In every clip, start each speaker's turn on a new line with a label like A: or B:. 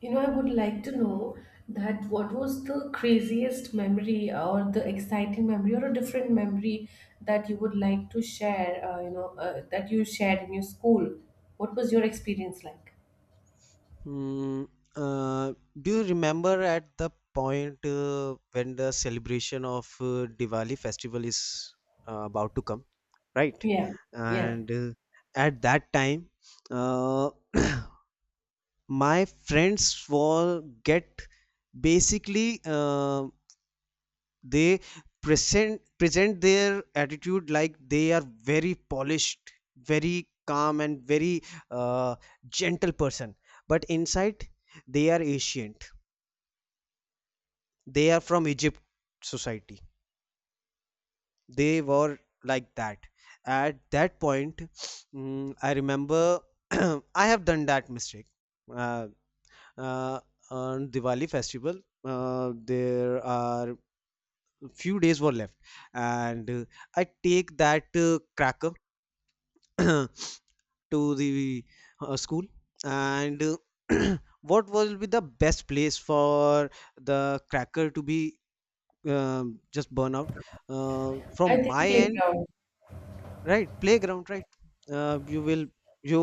A: You know, I would like to know that what was the craziest memory or the exciting memory or a different memory that you would like to share, that you shared in your school? What was your experience like?
B: Mm, uh, do you remember at the point when the celebration of Diwali festival is about to come, right?
A: Yeah, yeah.
B: And at that time, uh, my friends will get basically. They present their attitude like they are very polished, very calm and very uh, gentle person, but inside they are ancient, they are from Egypt society, they were like that. At that point, I remember I have done that mistake uh, uh, on Diwali festival. There are few days were left, and I take that cracker to the school. And what will be the best place for the cracker to be, just burn out? From
A: I think
B: my end,
A: playground.
B: right? Playground, right. You will, you,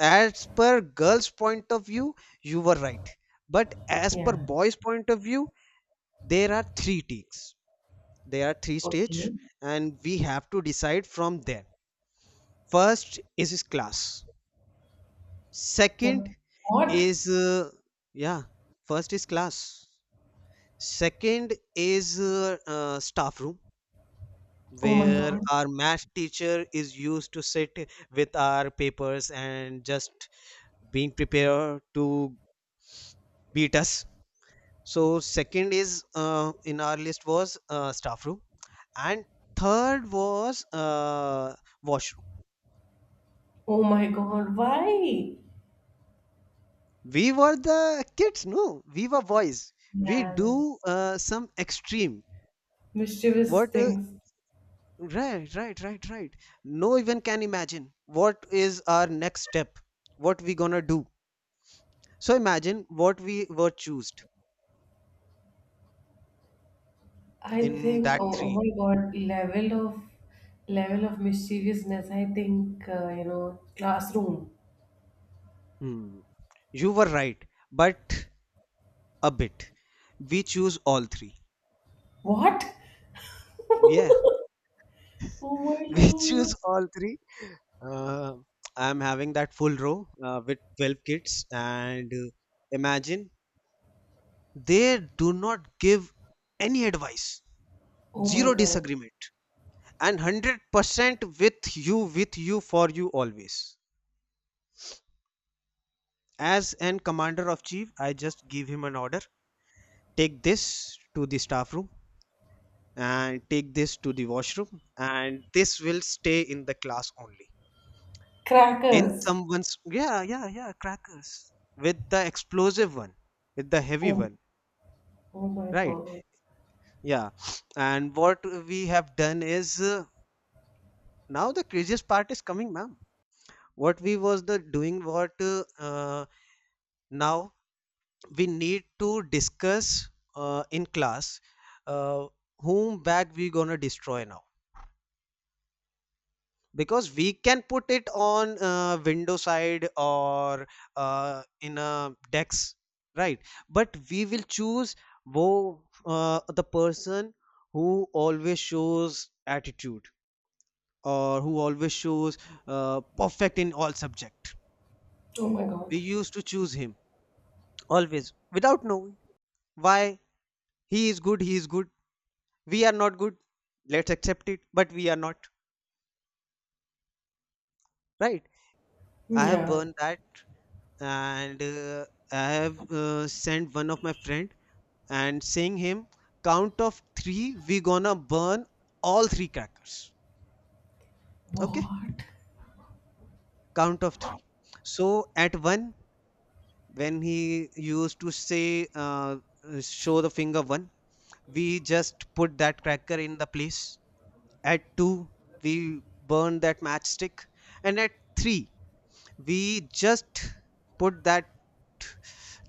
B: as per girls point of view, you were right, but as per
A: Yeah.
B: boys point of view, there are three takes, there are three
A: Okay.
B: stage, and we have to decide from there. First is his class,
A: Uh,
B: second
A: What?
B: is yeah, first is class, second is staff room,
A: Oh my
B: where
A: God.
B: our math teacher is used to sit with our papers and just being prepared to beat us. So second is in our list was staff room, and third was washroom.
A: Oh my God. Why?
B: We were the kids, no, we were boys. We
A: Yeah.
B: do some extreme.
A: Mischievous
B: What?
A: things.
B: Right, right, right, right. No even can imagine what is our next step. What we gonna do? So imagine what we were choosed
A: I
B: in
A: think,
B: that
A: oh, oh
B: three.
A: my God, level of mischievousness. I think you know, classroom.
B: Hmm. You were right, but a bit. We choose all three.
A: What?
B: Yeah,
A: Oh my
B: we
A: God.
B: choose all three. Uh, I'm having that full row with 12 kids, and imagine they do not give any advice,
A: Oh my
B: zero
A: God.
B: disagreement, and 100% with you, for you always. As an commander of chief, I just give him an order, take this to the staff room and take this to the washroom, and this will stay in the class only. In
A: Crackers.
B: someone's, yeah, yeah, yeah, crackers with the explosive one, with the heavy
A: Oh,
B: one,
A: oh my
B: right,
A: God.
B: yeah. And what we have done is, now the craziest part is coming, ma'am. What we was the doing, what now we need to discuss in class uh, whom bag we gonna destroy now, because we can put it on window side or in a dex, right? But we will choose, the person who always shows attitude or who always shows perfect in all subject.
A: Oh my
B: We
A: God.
B: used to choose him always, without knowing why. He is good, he is good, we are not good, let's accept it, but we are not, right? I have
A: Yeah.
B: learned that. And I have sent one of my friend and saying him, count of three we gonna burn all three crackers. Okay,
A: What?
B: count of three. So at one, when he used to say show the finger one, we just put that cracker in the place. At two, we burn that matchstick, and at three we just put that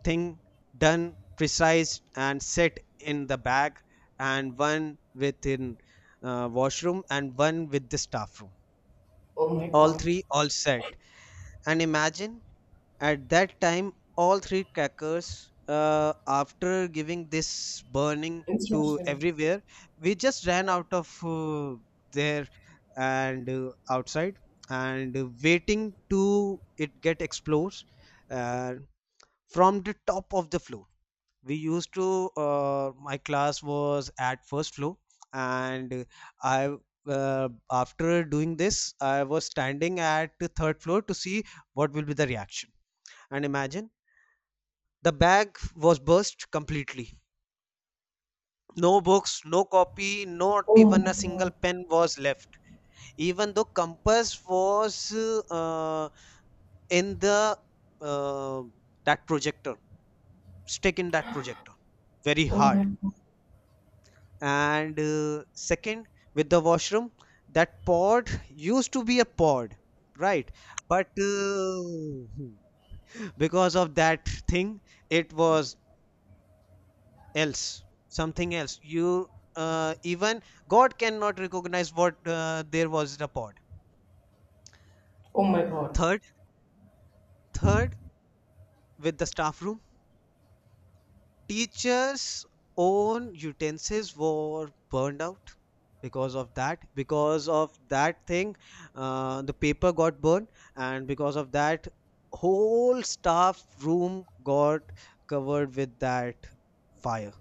B: thing done precise and set in the bag, and one within washroom and one with the staff room.
A: Oh my
B: All
A: God.
B: three, all set. And imagine, at that time all three crackers, after giving this burning to
A: Instruction.
B: everywhere, we just ran out of, there, and outside, and waiting to it get explodes. uh, from the top of the floor, we used to, my class was at first floor, and I, uh, after doing this I was standing at the third floor to see what will be the reaction. And imagine, the bag was burst completely, no books, no copy, not
A: Oh
B: even
A: my
B: a single
A: God.
B: pen was left. Even though compass was uh, in the uh, that projector, stick in that projector very
A: Oh my
B: hard.
A: God.
B: And second, with the washroom, that pod used to be a pod, right? But because of that thing, it was else, something else. You Even god cannot recognize what there was in a pod.
A: Oh my God.
B: Third, third, with the staff room, teachers' own utensils were burned out because of that. Because of that thing, the paper got burned, and because of that, whole staff room got covered with that fire.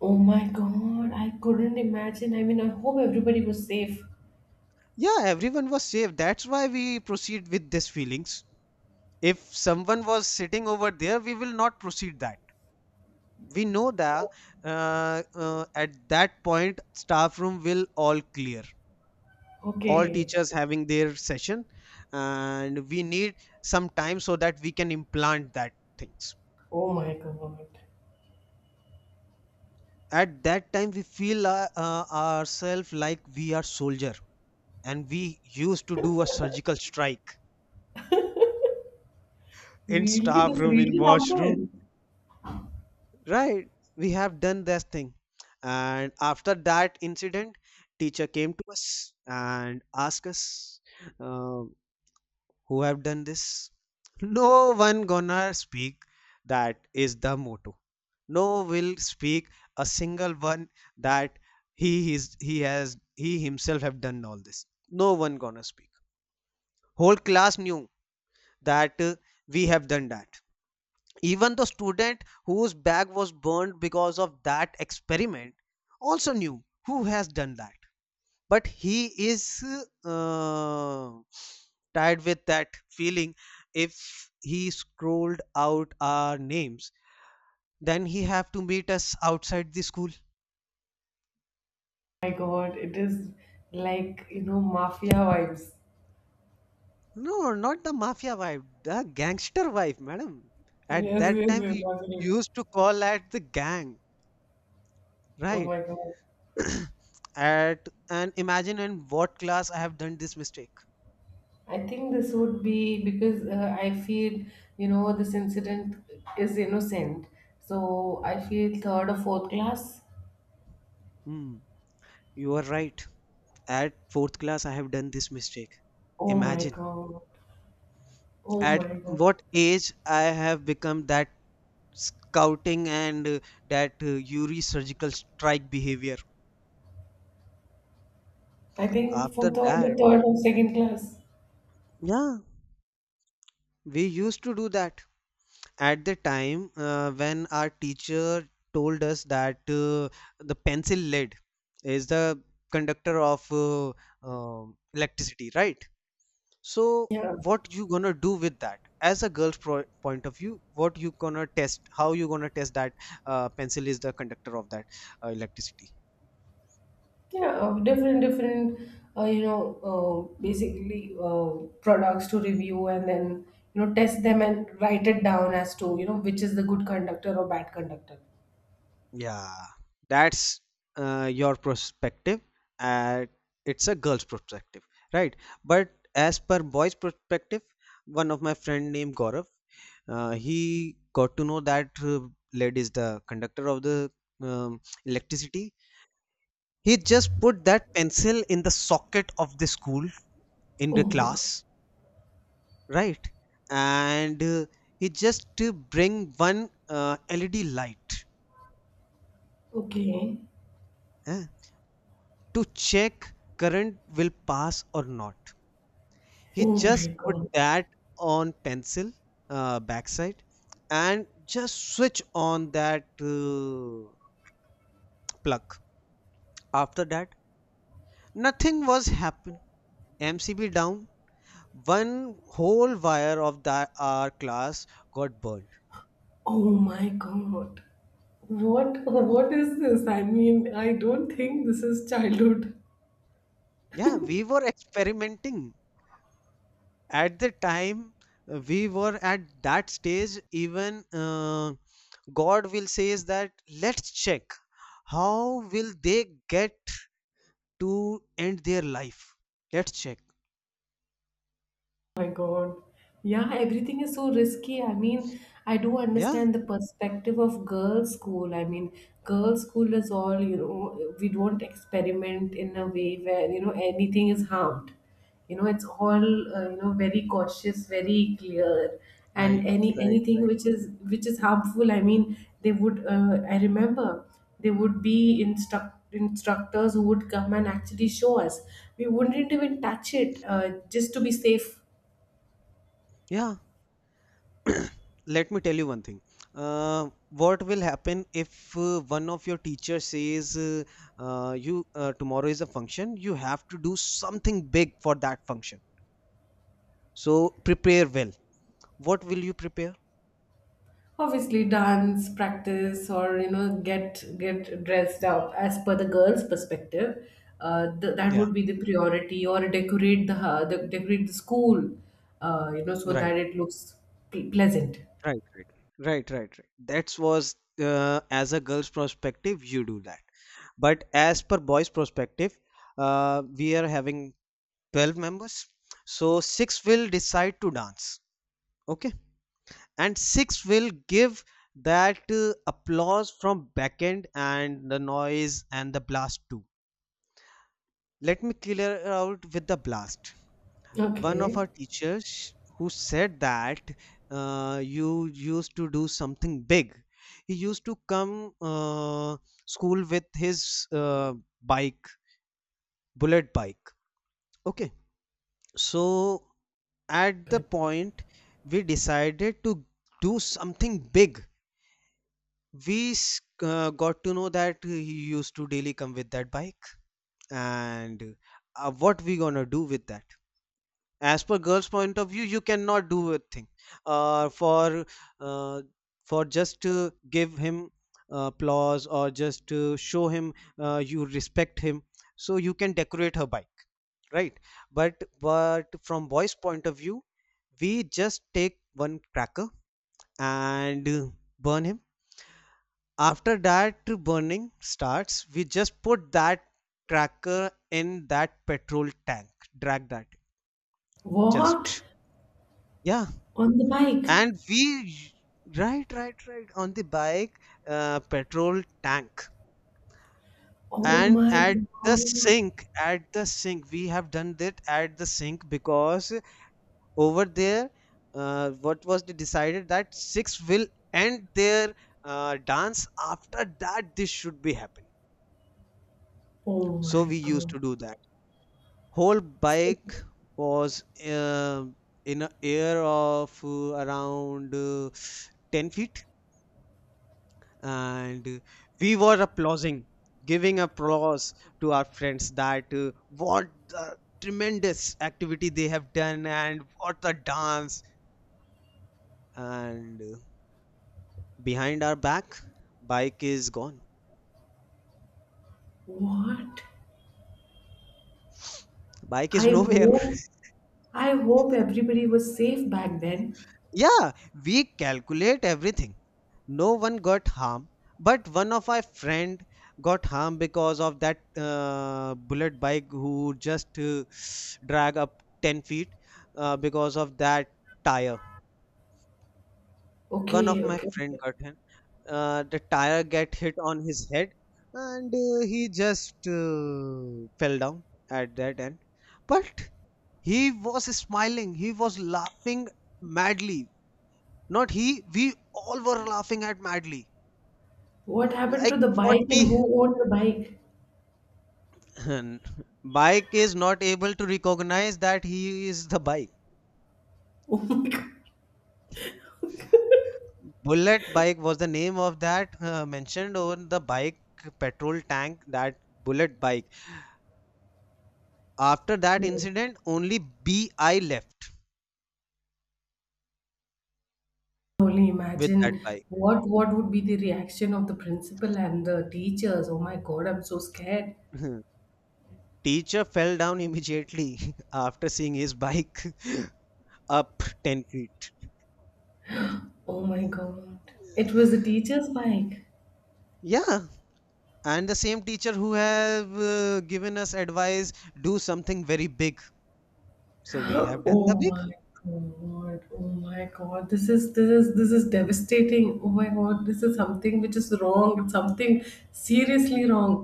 A: Oh my God. I couldn't imagine. I mean, I hope everybody was safe.
B: Yeah, everyone was safe. That's why we proceed with these feelings. If someone was sitting over there, we will not proceed that. We know that at that point, staff room will all clear, all
A: Okay.
B: teachers having their session, and we need some time so that we can implant that things.
A: Oh my God.
B: At that time we feel ourselves like we are soldier and we used to do a surgical strike in
A: Really?
B: staff
A: This
B: room, in
A: really
B: washroom,
A: happened?
B: right? We have done that thing. And after that incident, teacher came to us and asked us, uh, who have done this. No one gonna speak, that is the motto. No will speak a single one that he is, he has, he himself have done all this. No one gonna speak. Whole class knew that we have done that. Even the student whose bag was burned because of that experiment also knew who has done that, but he is uh, tied with that feeling, if he scrolled out our names then he have to meet us outside the school.
A: My God, it is like, you know, mafia vibes.
B: No, not the mafia wife, the gangster wife, madam. At
A: Yes,
B: that
A: yes,
B: time,
A: yes,
B: we
A: absolutely.
B: used to call at the gang,
A: Oh
B: right?
A: my God.
B: At, and imagine in what class I have done this mistake.
A: I think this would be because I feel, you know, this incident is innocent. So I feel third or fourth class.
B: Hmm, you are right. At fourth class, I have done this mistake.
A: Oh my
B: Imagine
A: God. Oh
B: at
A: my God.
B: what age I have become that scouting and that Yuri surgical strike behavior.
A: I think for
B: After
A: third
B: that,
A: or third or second class.
B: yeah, we used to do that. At the time when our teacher told us that the pencil lead is the conductor of electricity, right? So
A: Yeah.
B: what you gonna do with that? As a point of view, what you gonna test, how you gonna test that pencil is the conductor of that electricity.
A: Yeah, different, you know, basically products to review and then, you know, test them and write it down as to, you know, which is the good conductor or bad conductor.
B: Yeah, that's your perspective, and it's a girl's perspective, right? But as per boy's perspective, one of my friend named Gaurav, he got to know that lead is the conductor of the electricity. He just put that pencil in the socket of the school, in
A: Oh
B: the
A: my God.
B: class, right? And he just bring one LED light.
A: Okay.
B: Eh? To check current will pass or not. He
A: Oh my
B: just put
A: God.
B: that on pencil backside and just switch on that uh, plug. After that, nothing was happen. MCB down. One whole wire of that our class got burned.
A: Oh my God. What what is this? I mean, I don't think this is childhood.
B: Yeah, we were experimenting. At the time we were at that stage. Even god will says that, let's check how will they get to end their life, let's check.
A: My God. Yeah, everything is so risky. I mean, I do
B: Yeah.
A: understand the perspective of girls' school. I mean, girls' school is all, you know, we don't experiment in a way where, you know, anything is harmed. You know, it's all, you know, very cautious, very clear. And
B: Right,
A: any
B: right,
A: anything
B: right.
A: which is harmful, I mean, they would, I remember, they would be instruct instructors who would come and actually show us. We wouldn't even touch it just to be safe.
B: Yeah. Let me tell you one thing. What will happen if one of your teachers says you, tomorrow is a function, you have to do something big for that function, so prepare well. What will you prepare?
A: Obviously dance practice or you know get dressed up as per the girl's perspective, that
B: Yeah.
A: would be the priority or decorate the, the decorate the school, you know, so
B: Right.
A: that it looks pleasant.
B: Right, right, right, right, right. That was as a girl's perspective, you do that. But as per boys' perspective, we are having 12 members. So six will decide to dance. Okay. And six will give that applause from back end, and the noise and the blast too. Let me clear out with the blast. One of
A: Okay.
B: our teachers who said that you used to do something big, he used to come school with his bike, bullet bike, okay? So at the
A: Okay.
B: point, we decided to do something big. Got to know that he used to daily come with that bike. And what we gonna do with that? As per girls point of view, you cannot do a thing uh, for uh, for just to give him applause or just to show him you respect him, so you can decorate her bike, right? But from boys point of view, we just take one cracker and burn him. After that burning starts, we just put that cracker in that petrol tank, drag that,
A: What?
B: just, yeah.
A: On the bike?
B: And we right on the bike, petrol tank.
A: Oh
B: And
A: my
B: at the
A: God.
B: sink, at the sink we have done that, at the sink, because over there, what was the decided that six will end their dance, after that this should be happening.
A: Oh
B: So
A: my
B: we used
A: God.
B: to do that. Whole
A: So,
B: bike was in a air of around 10 feet, and we were applauding, giving applause to our friends that what the tremendous activity they have done and what the dance. And behind our back, bike is gone.
A: what?
B: Bike is
A: I
B: nowhere.
A: hope, I hope everybody was safe back then.
B: Yeah, we calculate everything. No one got harm, but one of our friend got harm because of that bullet bike who just drag up 10 feet because of that tire. One of
A: Okay,
B: my
A: okay.
B: friend got hit. The tire get hit on his head and he just fell down at that end. But he was smiling. He was laughing madly. Not he, we all were laughing at madly.
A: What happened to the
B: Like what
A: bike and
B: we.
A: who owned the bike?
B: Bike is not able to recognize that he is the bike.
A: Oh my god.
B: Bullet bike was the name of that mentioned on the bike petrol tank, that bullet bike. After that
A: Hmm.
B: incident, only BI left
A: Only
B: with that
A: imagine
B: bike.
A: what would be the reaction of the principal and the teachers. Oh my god, I'm so scared.
B: Teacher fell down immediately after seeing his bike up 10 feet.
A: Oh my god. It was the teacher's bike.
B: Yeah, and the same teacher who have given us advice, do something very big, so we have done the
A: Oh
B: big.
A: my god. Oh my god. This is this is this is devastating. Oh my god, this is something which is wrong. It's something seriously wrong.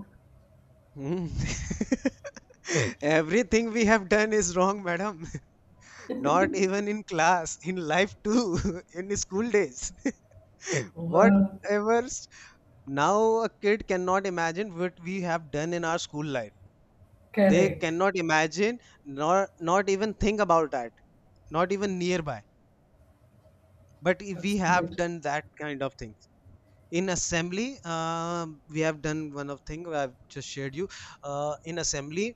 B: Hmm. Everything we have done is wrong, madam. Not even in class, in life too. In school days,
A: Oh,
B: whatever now a kid cannot imagine what we have done in our school life. They
A: correct.
B: cannot imagine nor not even think about that, not even nearby. But if we have
A: Absolutely.
B: done that kind of thing in assembly, we have done one of thing I've just shared you, in assembly.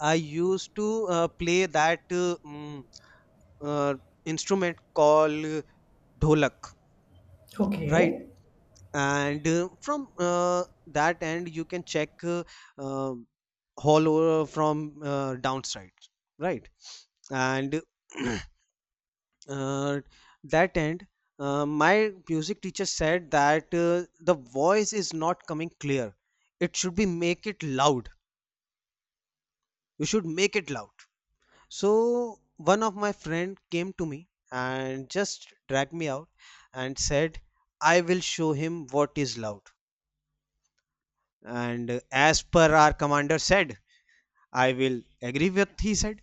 B: I used to play that uh, instrument called dholak, right.
A: Okay.
B: And from that end you can check, uh, all over from downside, right. And uh, that end, my music teacher said that the voice is not coming clear. It should be make it loud. You should make it loud. So one of my friend came to me and just dragged me out and said, "I will show him what is loud." And as per our commander said, I will agree with he said.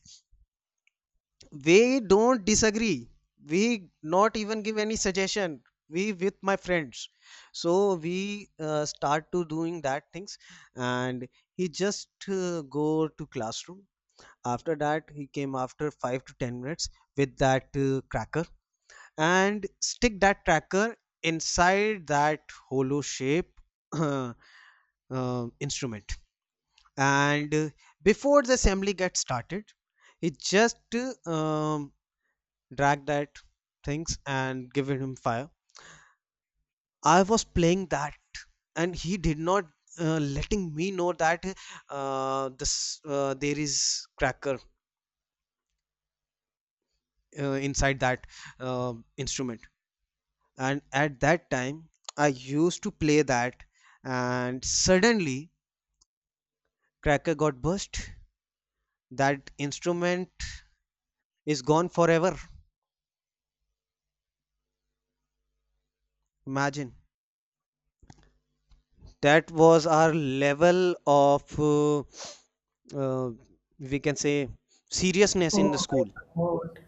B: We don't disagree, we not even give any suggestion, we with my friends. So we start to doing that things. And he just go to classroom. After that he came after 5 to 10 minutes with that cracker and stick that cracker inside that hollow shape uh, instrument. And before the assembly gets started, he just drag that things and given him fire. I was playing that, and he did not letting me know that this, there is cracker inside that instrument. And at that time, I used to play that, and suddenly cracker got burst. That instrument is gone forever. Imagine. That was our level of uh, we can say seriousness in the
A: Oh my
B: school.
A: God.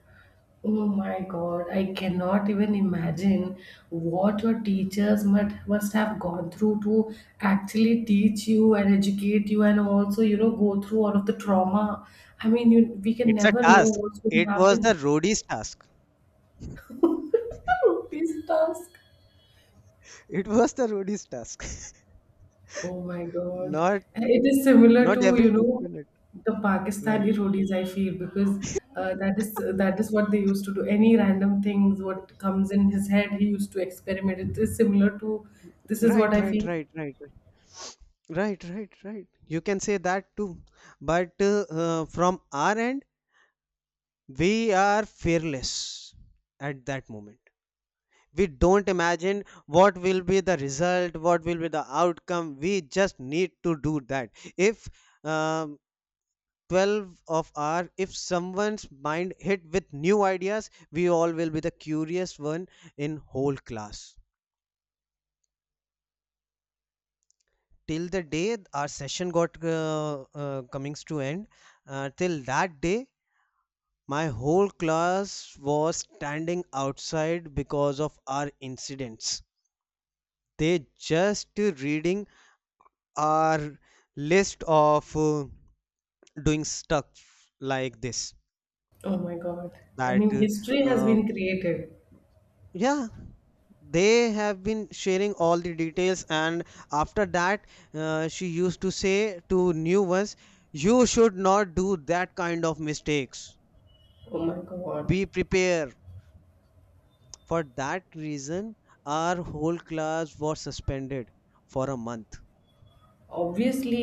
A: Oh my God. I cannot even imagine what your teachers must have gone through to actually teach you and educate you and also, you know, go through all of the trauma. I mean, you, we can
B: It's a
A: never know
B: task,
A: what's going to
B: it was the
A: happen.
B: roadies task,
A: Rupees stars.
B: it was the roadies task.
A: Oh my God.
B: not
A: It is similar
B: not
A: to, you
B: everyone
A: know,
B: can it,
A: the
B: right,
A: Pakistani roadies, I feel, because that is what they used to do. Any random things, what comes in his head, he used to experiment. It is similar to this is what
B: right,
A: I
B: right,
A: feel.
B: right, right, right, right, right. You can say that too. But from our end, we are fearless at that moment. We don't imagine what will be the result, what will be the outcome, we just need to do that. If um, 12 of our, if someone's mind hit with new ideas, we all will be the curious one in whole class. Till the day our session got comings to end, till that day, my whole class was standing outside because of our incidents. They just reading our list of doing stuff like this,
A: Oh my God. I mean,
B: that
A: history has been created.
B: yeah. They have been sharing all the details. And after that she used to say to new ones, you should not do that kind of mistakes,
A: Oh my God.
B: be prepared. For that reason, our whole class was suspended for a month.
A: Obviously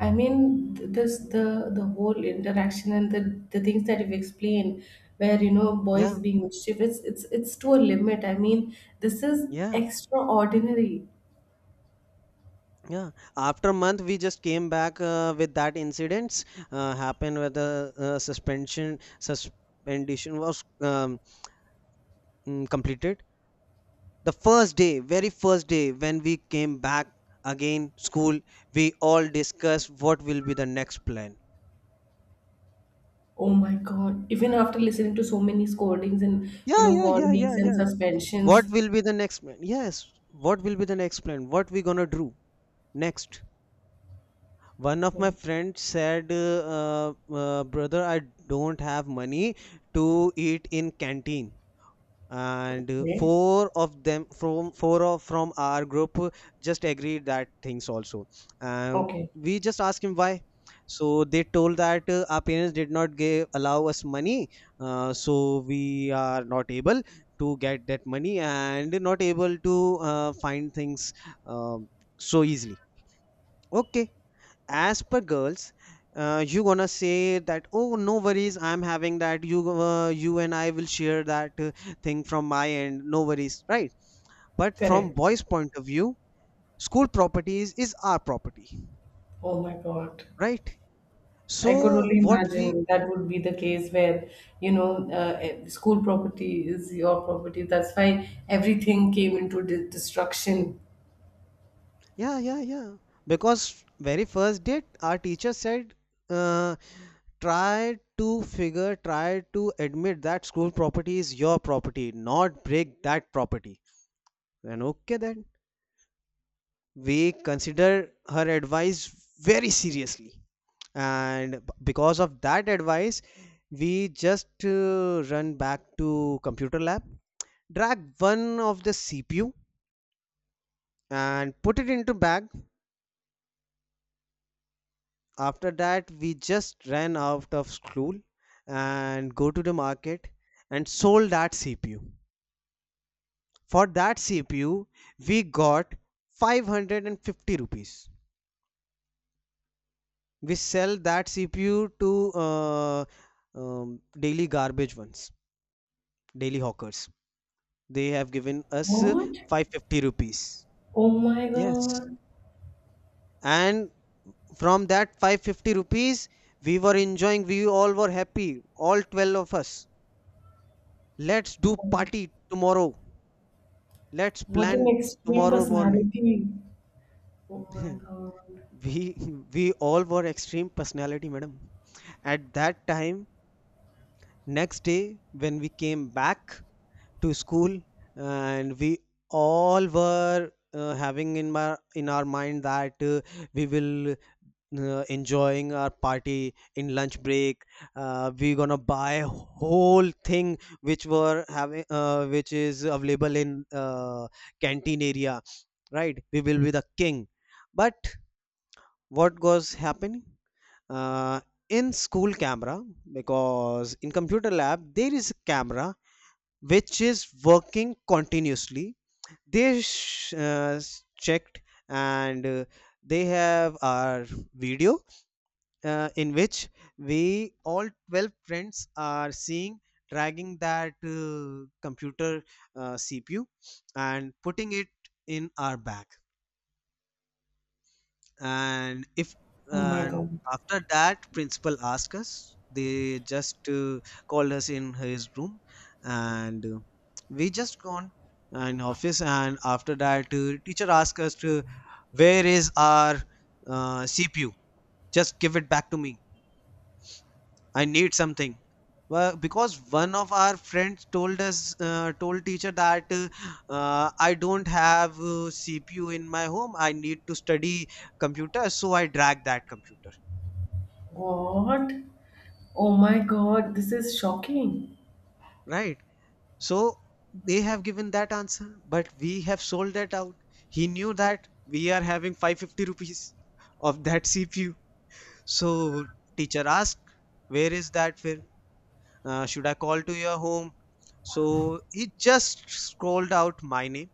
A: I mean this the whole interaction and the things that you've explained where you know boys
B: Yeah,
A: being mischievous it's to a limit, I mean this is
B: yeah.
A: extraordinary.
B: Yeah, after a month we just came back with that incidents happened, where the suspension was completed. The first day, very first day when we came back again school, we all discussed what will be the next plan.
A: Oh my god even after listening to so many scoldings and you
B: Yeah,
A: know
B: yeah, yeah,
A: warnings
B: yeah,
A: and
B: yeah.
A: suspensions.
B: What will be the next plan? Yes, what will be the next plan? What we gonna do next? One of my friends said, "Brother, I don't have money to eat in canteen." And
A: Okay,
B: four of them from our group just agreed that things also. Uh,
A: okay.
B: we just asked him why. So they told that our parents did not give allow us money, so we are not able to get that money and not able to find things um so easily. Okay, as per girls, you gonna say that, oh, no worries, I'm having that, you and I will share that thing from my end, no worries, right. But from
A: Correct.
B: boys point of view, school properties is our property,
A: Oh my god,
B: right.
A: I could
B: So
A: only
B: what we,
A: imagine that would be the case where, you know, school property is your property. That's why everything came into destruction.
B: yeah, yeah, yeah, because very first date our teacher said, uh, try to admit that school property is your property, not break that property. And okay then, we consider her advice very seriously. And because of that advice, we just run back to computer lab, drag one of the cpu and put it into bag. After that we just ran out of school and go to the market and sold that cpu. For that cpu we got 550 rupees. We sell that CPU to daily garbage ones, daily hawkers. They have given us
A: What?
B: 550 rupees.
A: Oh my
B: Yes.
A: God.
B: And from that 550 rupees, we were enjoying, we all were happy, all 12 of us. Let's do
A: Oh,
B: party tomorrow. Let's
A: what an
B: plan
A: extreme
B: tomorrow morning.
A: personality. Oh my God.
B: we we all were extreme personality, madam. At that time, next day when we came back to school, and we all were having in our mind that we will enjoying our party in lunch break. We gonna buy whole thing which were having, which is available in canteen area, right, we will be the king. But what was happening uh, in school camera? Because in computer lab there is a camera which is working continuously. They checked. And they have our video in which we all 12 friends are seeing dragging that computer CPU and putting it in our bag. And if
A: Oh my
B: and
A: God.
B: after that principal asked us, they just called us in his room. And we just gone in office. And after that teacher asked us to where is our cpu, just give it back to me, I need something. Well, because one of our friends told teacher that I don't have CPU in my home. I need to study computer, so I drag that computer.
A: What? Oh my God. This is shocking.
B: Right. So they have given that answer, but we have sold that out. He knew that we are having 550 rupees of that CPU. So teacher asked, "Where is that? Where should I call to your home?" So he just scrolled out my name.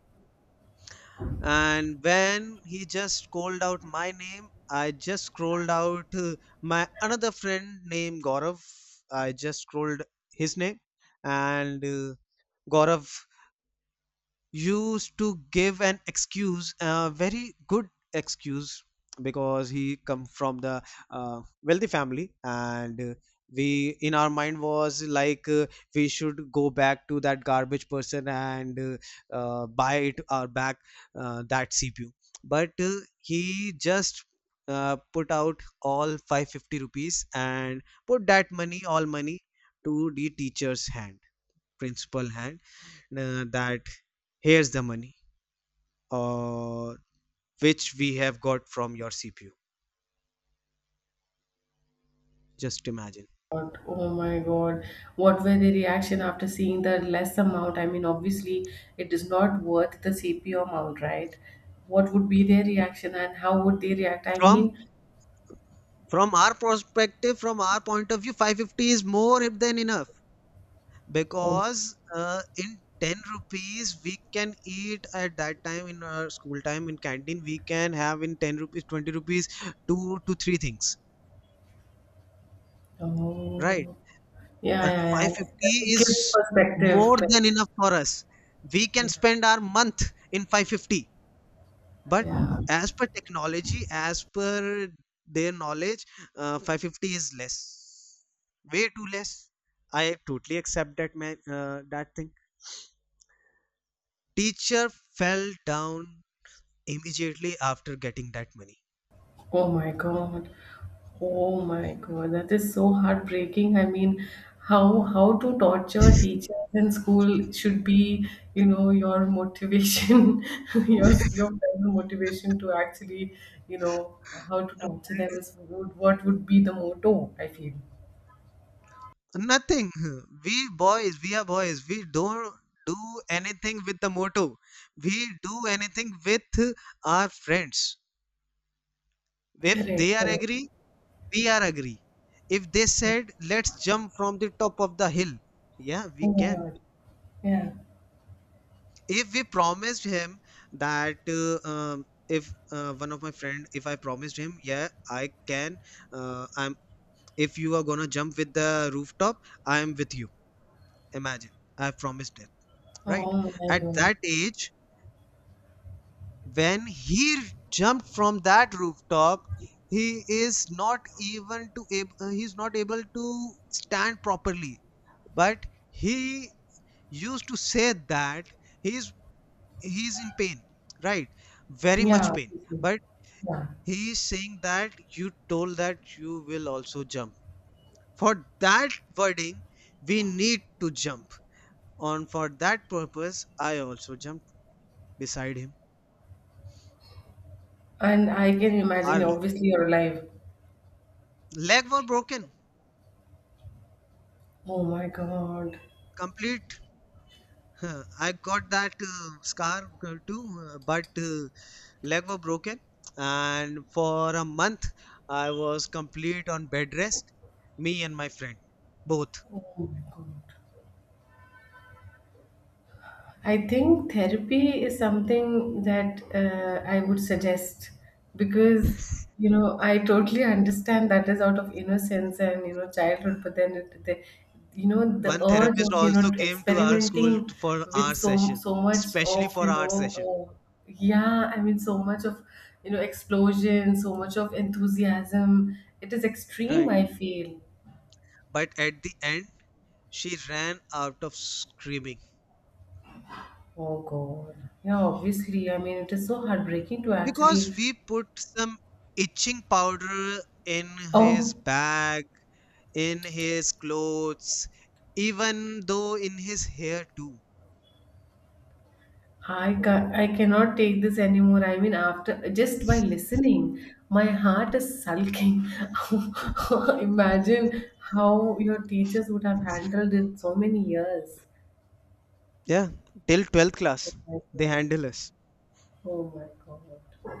B: And when he just called out my name, I just scrolled out my another friend named gaurav, I just scrolled his name. And gaurav used to give an excuse, a very good excuse, because he come from the wealthy family. And we in our mind was like, we should go back to that garbage person and buy it or back that cpu. But he just put out all 550 rupees and put that money, all money, to the teacher's hand, principal hand, that here's the money, or which we have got from your cpu. Just imagine.
A: God. Oh my God. What were the reaction after seeing the less amount? I mean, obviously, it is not worth the CPO amount, right? What would be their reaction and how would they react? I
B: from
A: mean,
B: from our perspective, from our point of view, 550 is more than enough.
A: oh,
B: Because in 10 rupees we can eat at that time, in our school time in canteen we can have in 10 rupees, 20 rupees, two to three things, right.
A: oh. Yeah,
B: And
A: yeah, yeah.
B: 550
A: That's a
B: is
A: kid's perspective.
B: more than
A: Correct.
B: enough for us, we can
A: Yeah,
B: spend our month in 550. But
A: yeah.
B: as per technology, as per their knowledge, 550 is less, way too less. I totally accept that, man, that thing. Teacher fell down immediately after getting that money.
A: Oh my God. Oh my God. That is so heartbreaking. I mean, how to torture teachers in school should be, you know, your motivation, your primary motivation to actually, you know, how to
B: And
A: torture them is would what would be the motto, I feel.
B: nothing. We boys, we are boys, we don't do anything with the motto. We do anything with our friends. If
A: Correct,
B: they are
A: correct.
B: agree, we are agree. If they said let's jump from the top of the hill, yeah, we
A: Oh my
B: can.
A: God. Yeah.
B: If we promised him that if one of my friend, if I promised him, yeah, I can, i'm, if you are gonna jump with the rooftop, I am with you. Imagine, I promised him, right.
A: Oh my
B: At
A: God.
B: that age when he jumped from that rooftop, he is not even to he's not able to stand properly. But he used to say that he's he's in pain, right, very much
A: Yeah,
B: pain.
A: obviously.
B: But
A: Yeah.
B: he is saying that you told that you will also jump, for that wording we need to jump on, for that purpose I also jumped beside him.
A: And I can imagine,
B: Our
A: obviously, you're alive.
B: leg were broken,
A: Oh my God.
B: complete. Huh, I got that scar too, but leg were broken, and for a month I was complete on bed rest. Me and my friend, both.
A: Oh my God. I think therapy is something that I would suggest because you know I totally understand that is out of innocence and you know childhood, but then it, the, you know the
B: One
A: urge
B: therapist
A: of you know
B: also came to our school,
A: experimenting
B: for
A: with
B: our
A: so
B: session,
A: so much
B: especially
A: of
B: for
A: you
B: our
A: know,
B: session,
A: uh, yeah I mean so much of you know explosion, so much of enthusiasm. It is extreme.
B: right?
A: I feel.
B: But at the end, she ran out of screaming.
A: Oh God. Yeah, obviously. I mean, it is so heartbreaking to
B: Because
A: actually.
B: we put some itching powder in his
A: Oh,
B: bag, in his clothes, even though in his hair too.
A: I ca I cannot take this anymore. I mean, after just by listening, my heart is sulking. Imagine how your teachers would have handled it so many years.
B: Yeah, till 12th
A: Oh
B: class,
A: my
B: they
A: God.
B: handle us.
A: Oh my God.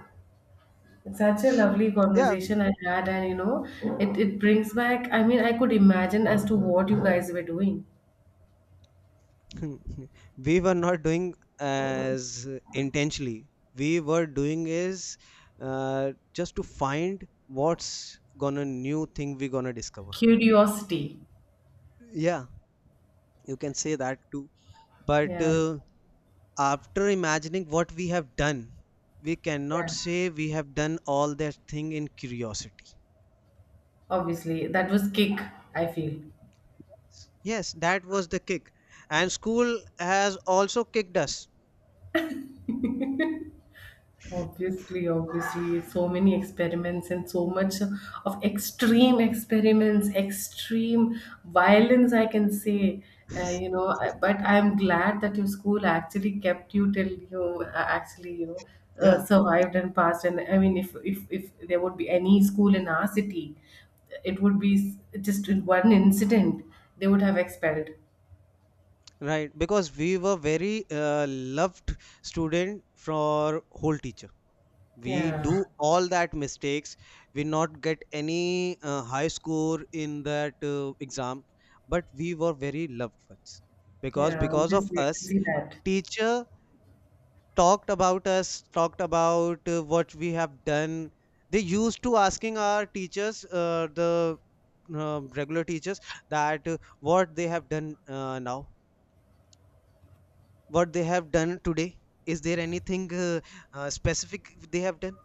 A: It's such a lovely
B: Yeah,
A: conversation I had, and you know, it brings back, I mean, I could imagine as to what you guys were doing.
B: we were not doing as intentionally. We were doing is, just to find what's gonna new thing we gonna discover.
A: Curiosity.
B: Yeah, you can say that too. But
A: Yeah,
B: after imagining what we have done, we
A: yeah.
B: cannot say we have done all that thing in curiosity.
A: Obviously, that was kick, I feel.
B: Yes, that was the kick. And school has also kicked us.
A: Obviously, obviously, so many experiments and so much of extreme experiments, extreme violence, I can say. You know, but I'm glad that your school actually kept you till you actually, you know,
B: Yeah.
A: survived and passed. And I mean, if there would be any school in our city, it would be just in one incident they would have expelled.
B: Right, because we were very loved student for whole teacher. We
A: Yeah,
B: do all that mistakes. We not get any high score in that exam, but we were very loved ones. because
A: yeah,
B: because of
A: obviously, I can
B: us,
A: see that.
B: teacher talked about us, talked about what we have done. They used to asking our teachers, the regular teachers, that what they have done now, what they have done today. Is there anything specific they have done?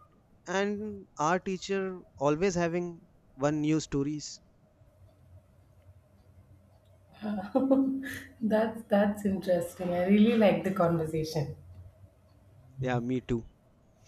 B: And our teacher always having one new stories.
A: That's interesting. I really like the conversation.
B: Yeah, me too.